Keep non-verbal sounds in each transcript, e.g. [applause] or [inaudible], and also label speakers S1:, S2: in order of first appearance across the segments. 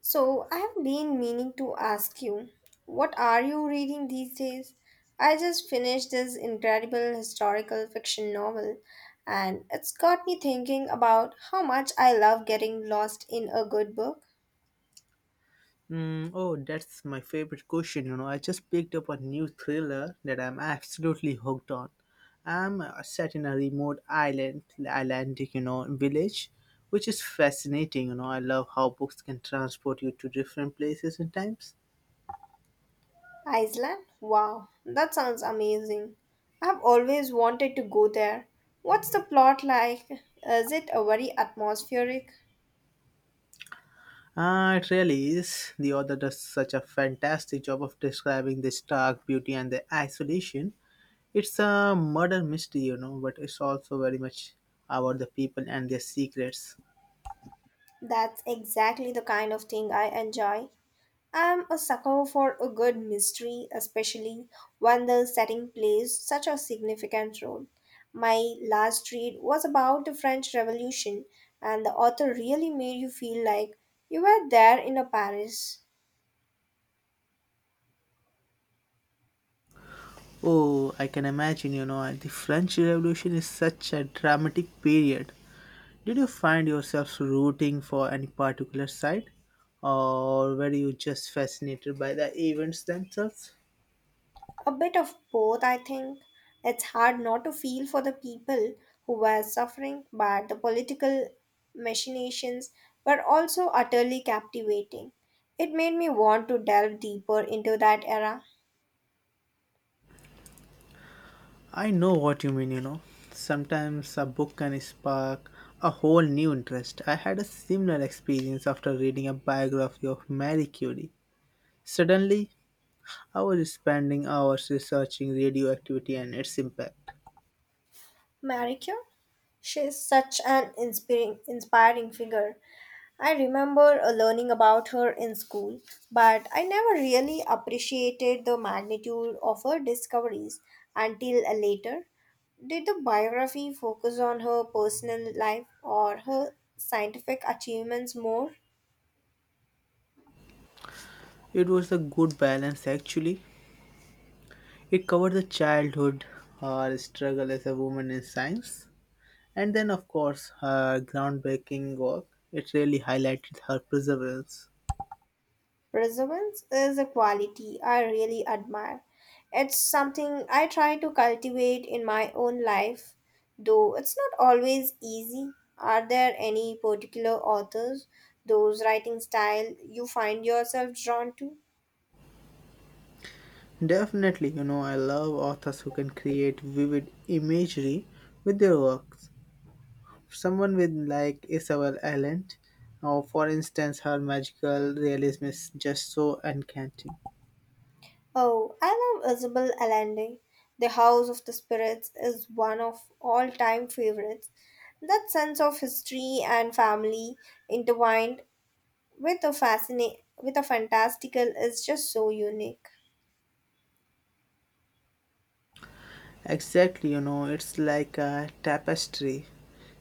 S1: So, I have been meaning to ask you, what are you reading these days? I just finished this incredible historical fiction novel, and it's got me thinking about how much I love getting lost in a good book.
S2: Mm, oh, that's my favorite question. You know, I just picked up a new thriller that I'm absolutely hooked on. I'm set in a remote island, Atlantic, you know, village, which is fascinating. You know, I love how books can transport you to different places and times.
S1: Iceland? Wow, that sounds amazing. I've always wanted to go there. What's the plot like? Is it a very atmospheric?
S2: Ah, it really is. The author does such a fantastic job of describing the stark beauty and the isolation. It's a murder mystery, you know, but it's also very much about the people and their secrets.
S1: That's exactly the kind of thing I enjoy. I'm a sucker for a good mystery, especially when the setting plays such a significant role. My last read was about the French Revolution, and the author really made you feel like you were there in a Paris.
S2: Oh, I can imagine, you know, the French Revolution is such a dramatic period. Did you find yourself rooting for any particular side? Or were you just fascinated by the events themselves?
S1: A bit of both, I think. It's hard not to feel for the people who were suffering, but the political machinations were also utterly captivating. It made me want to delve deeper into that era.
S2: I know what you mean, you know. Sometimes a book can spark a whole new interest. I had a similar experience after reading a biography of Marie Curie. Suddenly, I was spending hours researching radioactivity and its impact.
S1: Marie Curie? She is such an inspiring, inspiring figure. I remember learning about her in school, but I never really appreciated the magnitude of her discoveries until later. Did the biography focus on her personal life or her scientific achievements more?
S2: It was a good balance actually. It covered the childhood, her struggle as a woman in science, and then, of course, her groundbreaking work. It really highlighted her perseverance.
S1: Resilience is a quality I really admire. It's something I try to cultivate in my own life, though it's not always easy. Are there any particular authors, those writing style you find yourself drawn to?
S2: Definitely, you know, I love authors who can create vivid imagery with their works. Someone with like Isabel Allende, or for instance, her magical realism is just so enchanting.
S1: Oh, I love Isabel Allende. The House of the Spirits is one of all time favorites. That sense of history and family intertwined with a fantastical is just so unique.
S2: Exactly, you know, it's like a tapestry.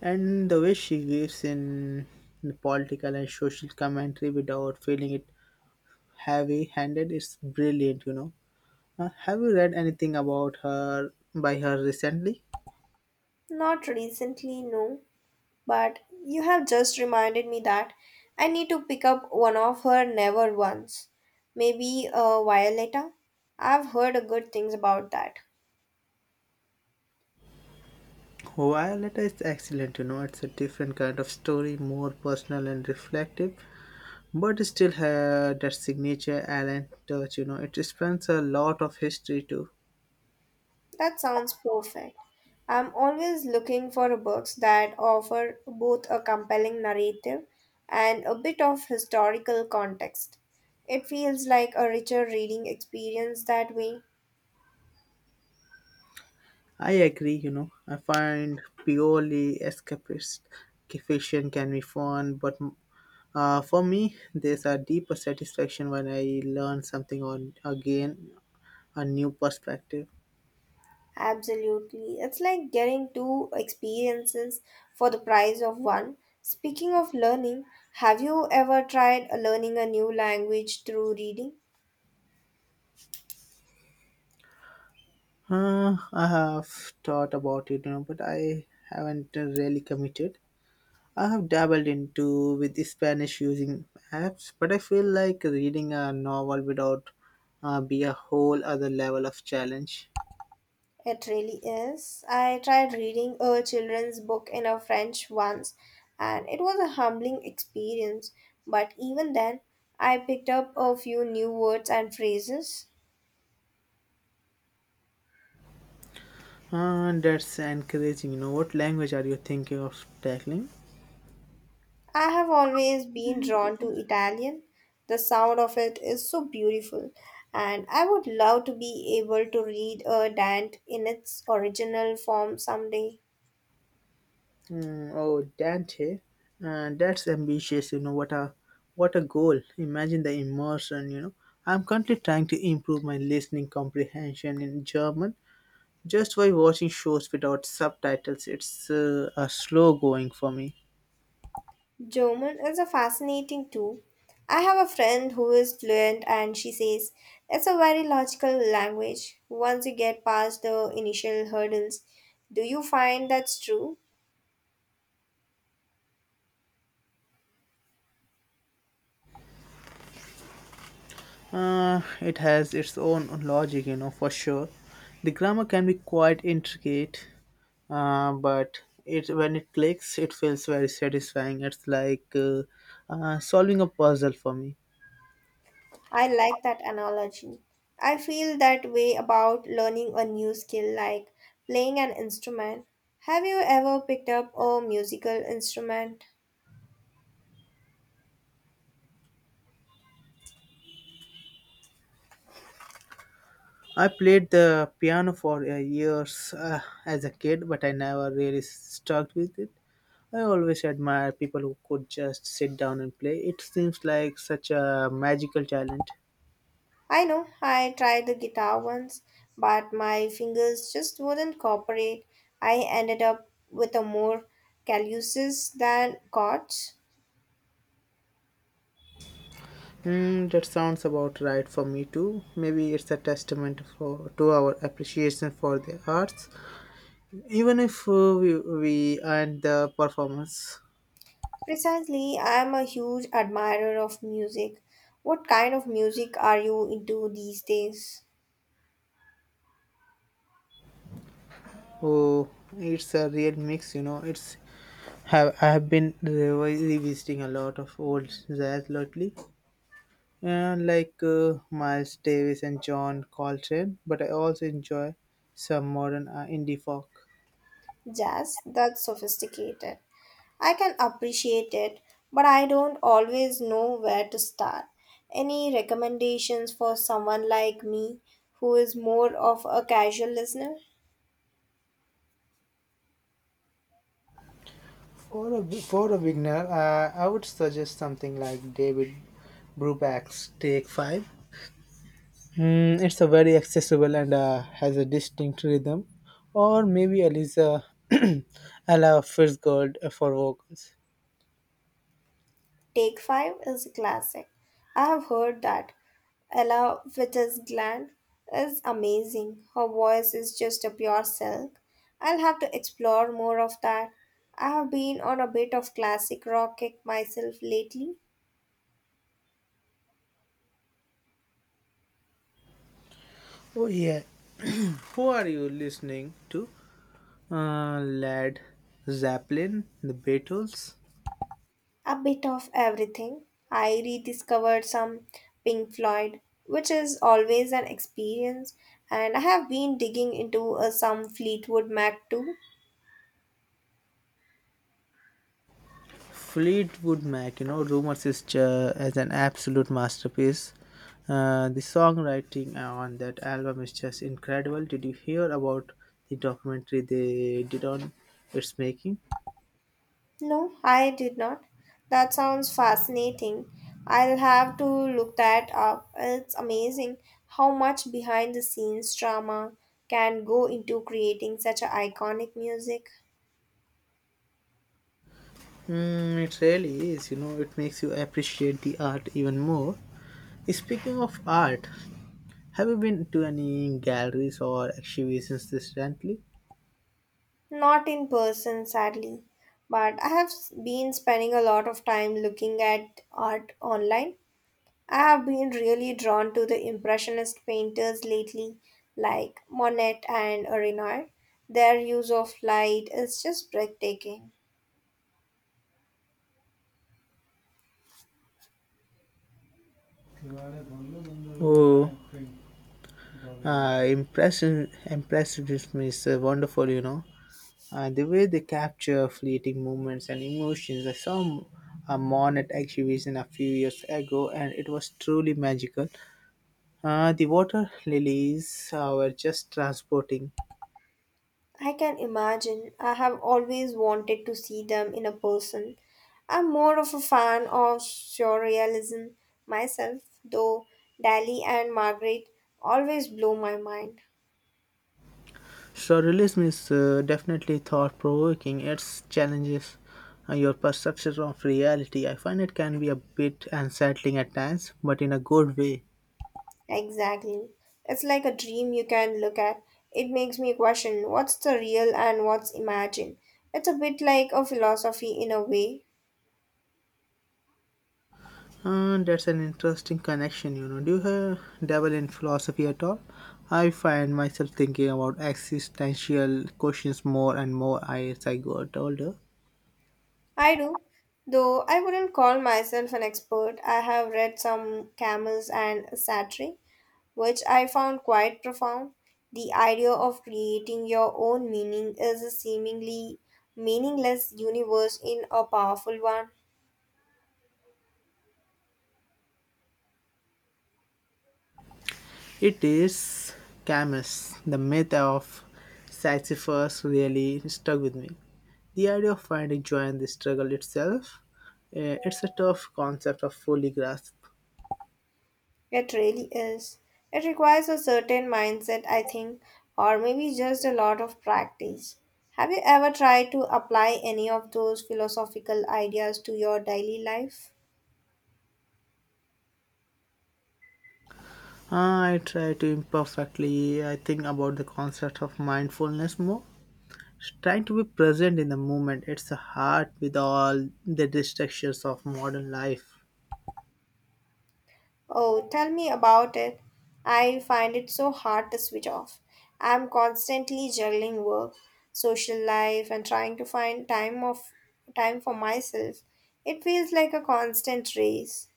S2: And the way she weaves in the political and social commentary without feeling it heavy handed is brilliant, you know. Have you read anything about her by her recently?
S1: Not recently, no, but you have just reminded me that I need to pick up one of her never ones. Maybe a Violetta. I've heard good things about that.
S2: Violetta is excellent, you know, it's a different kind of story, more personal and reflective, but it still had that signature Allen touch, you know. It spans a lot of history too.
S1: That sounds perfect. I'm always looking for books that offer both a compelling narrative and a bit of historical context. It feels like a richer reading experience that way.
S2: I agree, you know. I find purely escapist fiction can be fun, but for me, there's a deeper satisfaction when I learn something or again a new perspective.
S1: Absolutely. It's like getting two experiences for the price of one. Speaking of learning, have you ever tried learning a new language through reading?
S2: I have thought about it, you know, but I haven't really committed. I have dabbled into with the Spanish using apps, but I feel like reading a novel without be a whole other level of challenge.
S1: It really is. I tried reading a children's book in a French once, and it was a humbling experience. But even then, I picked up a few new words and phrases.
S2: That's encouraging. You know, what language are you thinking of tackling?
S1: I have always been drawn to Italian. The sound of it is so beautiful, and I would love to be able to read a Dante in its original form someday.
S2: Mm, oh, Dante. That's ambitious. You know, what a goal. Imagine the immersion. You know, I'm currently trying to improve my listening comprehension in German just by watching shows without subtitles. It's a slow going for me.
S1: German is a fascinating too. I have a friend who is fluent and she says it's a very logical language once you get past the initial hurdles. Do you find that's true?
S2: It has its own logic, you know, for sure. The grammar can be quite intricate, but it when it clicks, it feels very satisfying. It's like solving a puzzle for me.
S1: I like that analogy. I feel that way about learning a new skill like playing an instrument. Have you ever picked up a musical instrument?
S2: I played the piano for years as a kid, but I never really stuck with it. I always admire people who could just sit down and play. It seems like such a magical talent.
S1: I know I tried the guitar once, but my fingers just wouldn't cooperate. I ended up with a more calluses than chords.
S2: Mm, that sounds about right for me too. Maybe it's a testament for to our appreciation for the arts, even if we and the performance.
S1: Precisely, I am a huge admirer of music. What kind of music are you into these days?
S2: Oh, it's a real mix, you know. It's have I have been revisiting a lot of old jazz lately, like Miles Davis and John Coltrane. But I also enjoy some modern indie folk.
S1: Jazz? That's sophisticated. I can appreciate it, but I don't always know where to start. Any recommendations for someone like me who is more of a casual listener?
S2: For a beginner, I would suggest something like David Brubeck's Take Five. Mm, it's a very accessible and has a distinct rhythm, or maybe Eliza [clears throat] Ella Fitzgerald for vocals.
S1: Take 5 is a classic. I have heard that. Ella Fitzgerald is amazing. Her voice is just a pure silk. I'll have to explore more of that. I have been on a bit of classic rock kick myself lately.
S2: Oh yeah, [clears throat] who are you listening to? Led Zeppelin, The Beatles.
S1: A bit of everything. I rediscovered some Pink Floyd, which is always an experience, and I have been digging into some Fleetwood Mac too.
S2: Fleetwood Mac, you know, rumors is as an absolute masterpiece. The songwriting on that album is just incredible. Did you hear about the documentary they did on its making?
S1: No, I did not. That sounds fascinating. I'll have to look that up. It's amazing how much behind the scenes drama can go into creating such a iconic music.
S2: Mm, it really is. You know, it makes you appreciate the art even more. Speaking of art, have you been to any galleries or exhibitions recently?
S1: Not in person, sadly, but I have been spending a lot of time looking at art online. I have been really drawn to the Impressionist painters lately, like Monet and Renoir. Their use of light is just breathtaking.
S2: Oh, impressionism is wonderful. You know, The way they capture fleeting moments and emotions. I saw a Monet exhibition a few years ago and it was truly magical. The water lilies were just transporting.
S1: I can imagine. I have always wanted to see them in a person. I'm more of a fan of surrealism myself, though Dali and Margaret always blow my mind.
S2: Surrealism is definitely thought provoking. It challenges your perception of reality. I find it can be a bit unsettling at times, but in a good way.
S1: Exactly. It's like a dream you can look at. It makes me question what's the real and what's imagined. It's a bit like a philosophy in a way.
S2: And that's an interesting connection, you know. Do you have dabble in philosophy at all? I find myself thinking about existential questions more and more as I got older.
S1: I do. Though I wouldn't call myself an expert, I have read some Camus and Sartre, which I found quite profound. The idea of creating your own meaning is a seemingly meaningless universe in a powerful one.
S2: It is Camus, the myth of Sisyphus, really stuck with me. The idea of finding joy in the struggle itself, it's a tough concept of fully grasp.
S1: It really is. It requires a certain mindset, I think, or maybe just a lot of practice. Have you ever tried to apply any of those philosophical ideas to your daily life?
S2: I try to imperfectly, I think about the concept of mindfulness more trying to be present in the moment. It's hard with all the distractions of modern life.
S1: Oh, tell me about it. I find it so hard to switch off. I'm constantly juggling work, social life, and trying to find time of time for myself. It feels like a constant race.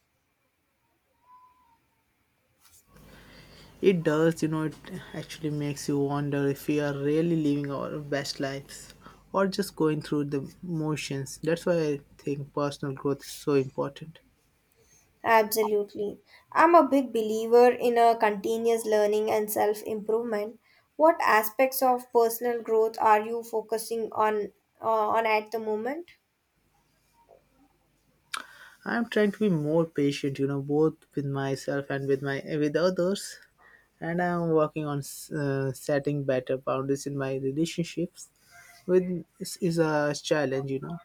S2: It does, you know. It actually makes you wonder if we are really living our best lives or just going through the motions. That's why I think personal growth is so important.
S1: Absolutely. I'm a big believer in a continuous learning and self improvement. What aspects of personal growth are you focusing uh, on at the moment?
S2: I'm trying to be more patient, you know, both with myself and with my with others, and I'm working on setting better boundaries in my relationships with is a challenge, you know.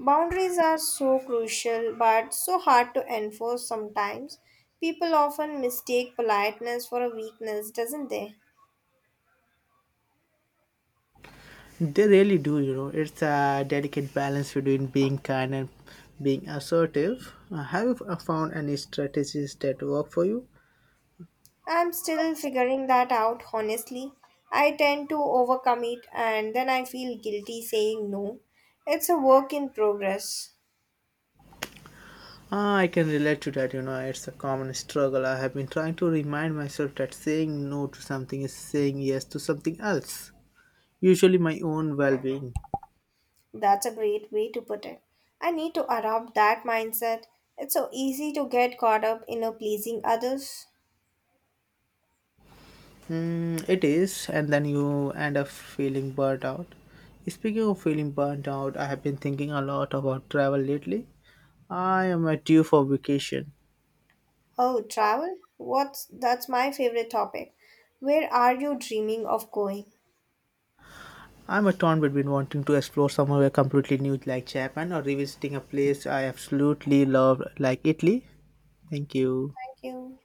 S1: Boundaries are so crucial but so hard to enforce sometimes. People often mistake politeness for a weakness, doesn't they?
S2: They really do, you know. It's a delicate balance between being kind and being assertive. Have you found any strategies that work for you?
S1: I'm still figuring that out honestly. I tend to overcommit and then I feel guilty saying no. It's a work in progress.
S2: Ah, I can relate to that, you know. It's a common struggle. I have been trying to remind myself that saying no to something is saying yes to something else, usually my own well being.
S1: That's a great way to put it. I need to adopt that mindset. It's so easy to get caught up in a pleasing others.
S2: Mm, it is, and then you end up feeling burnt out. Speaking of feeling burnt out, I have been thinking a lot about travel lately. I am due for vacation.
S1: Oh, travel? What's that's my favorite topic. Where are you dreaming of going?
S2: I'm a torn between wanting to explore somewhere completely new like Japan or revisiting a place I absolutely love like Italy. Thank you.
S1: Thank you.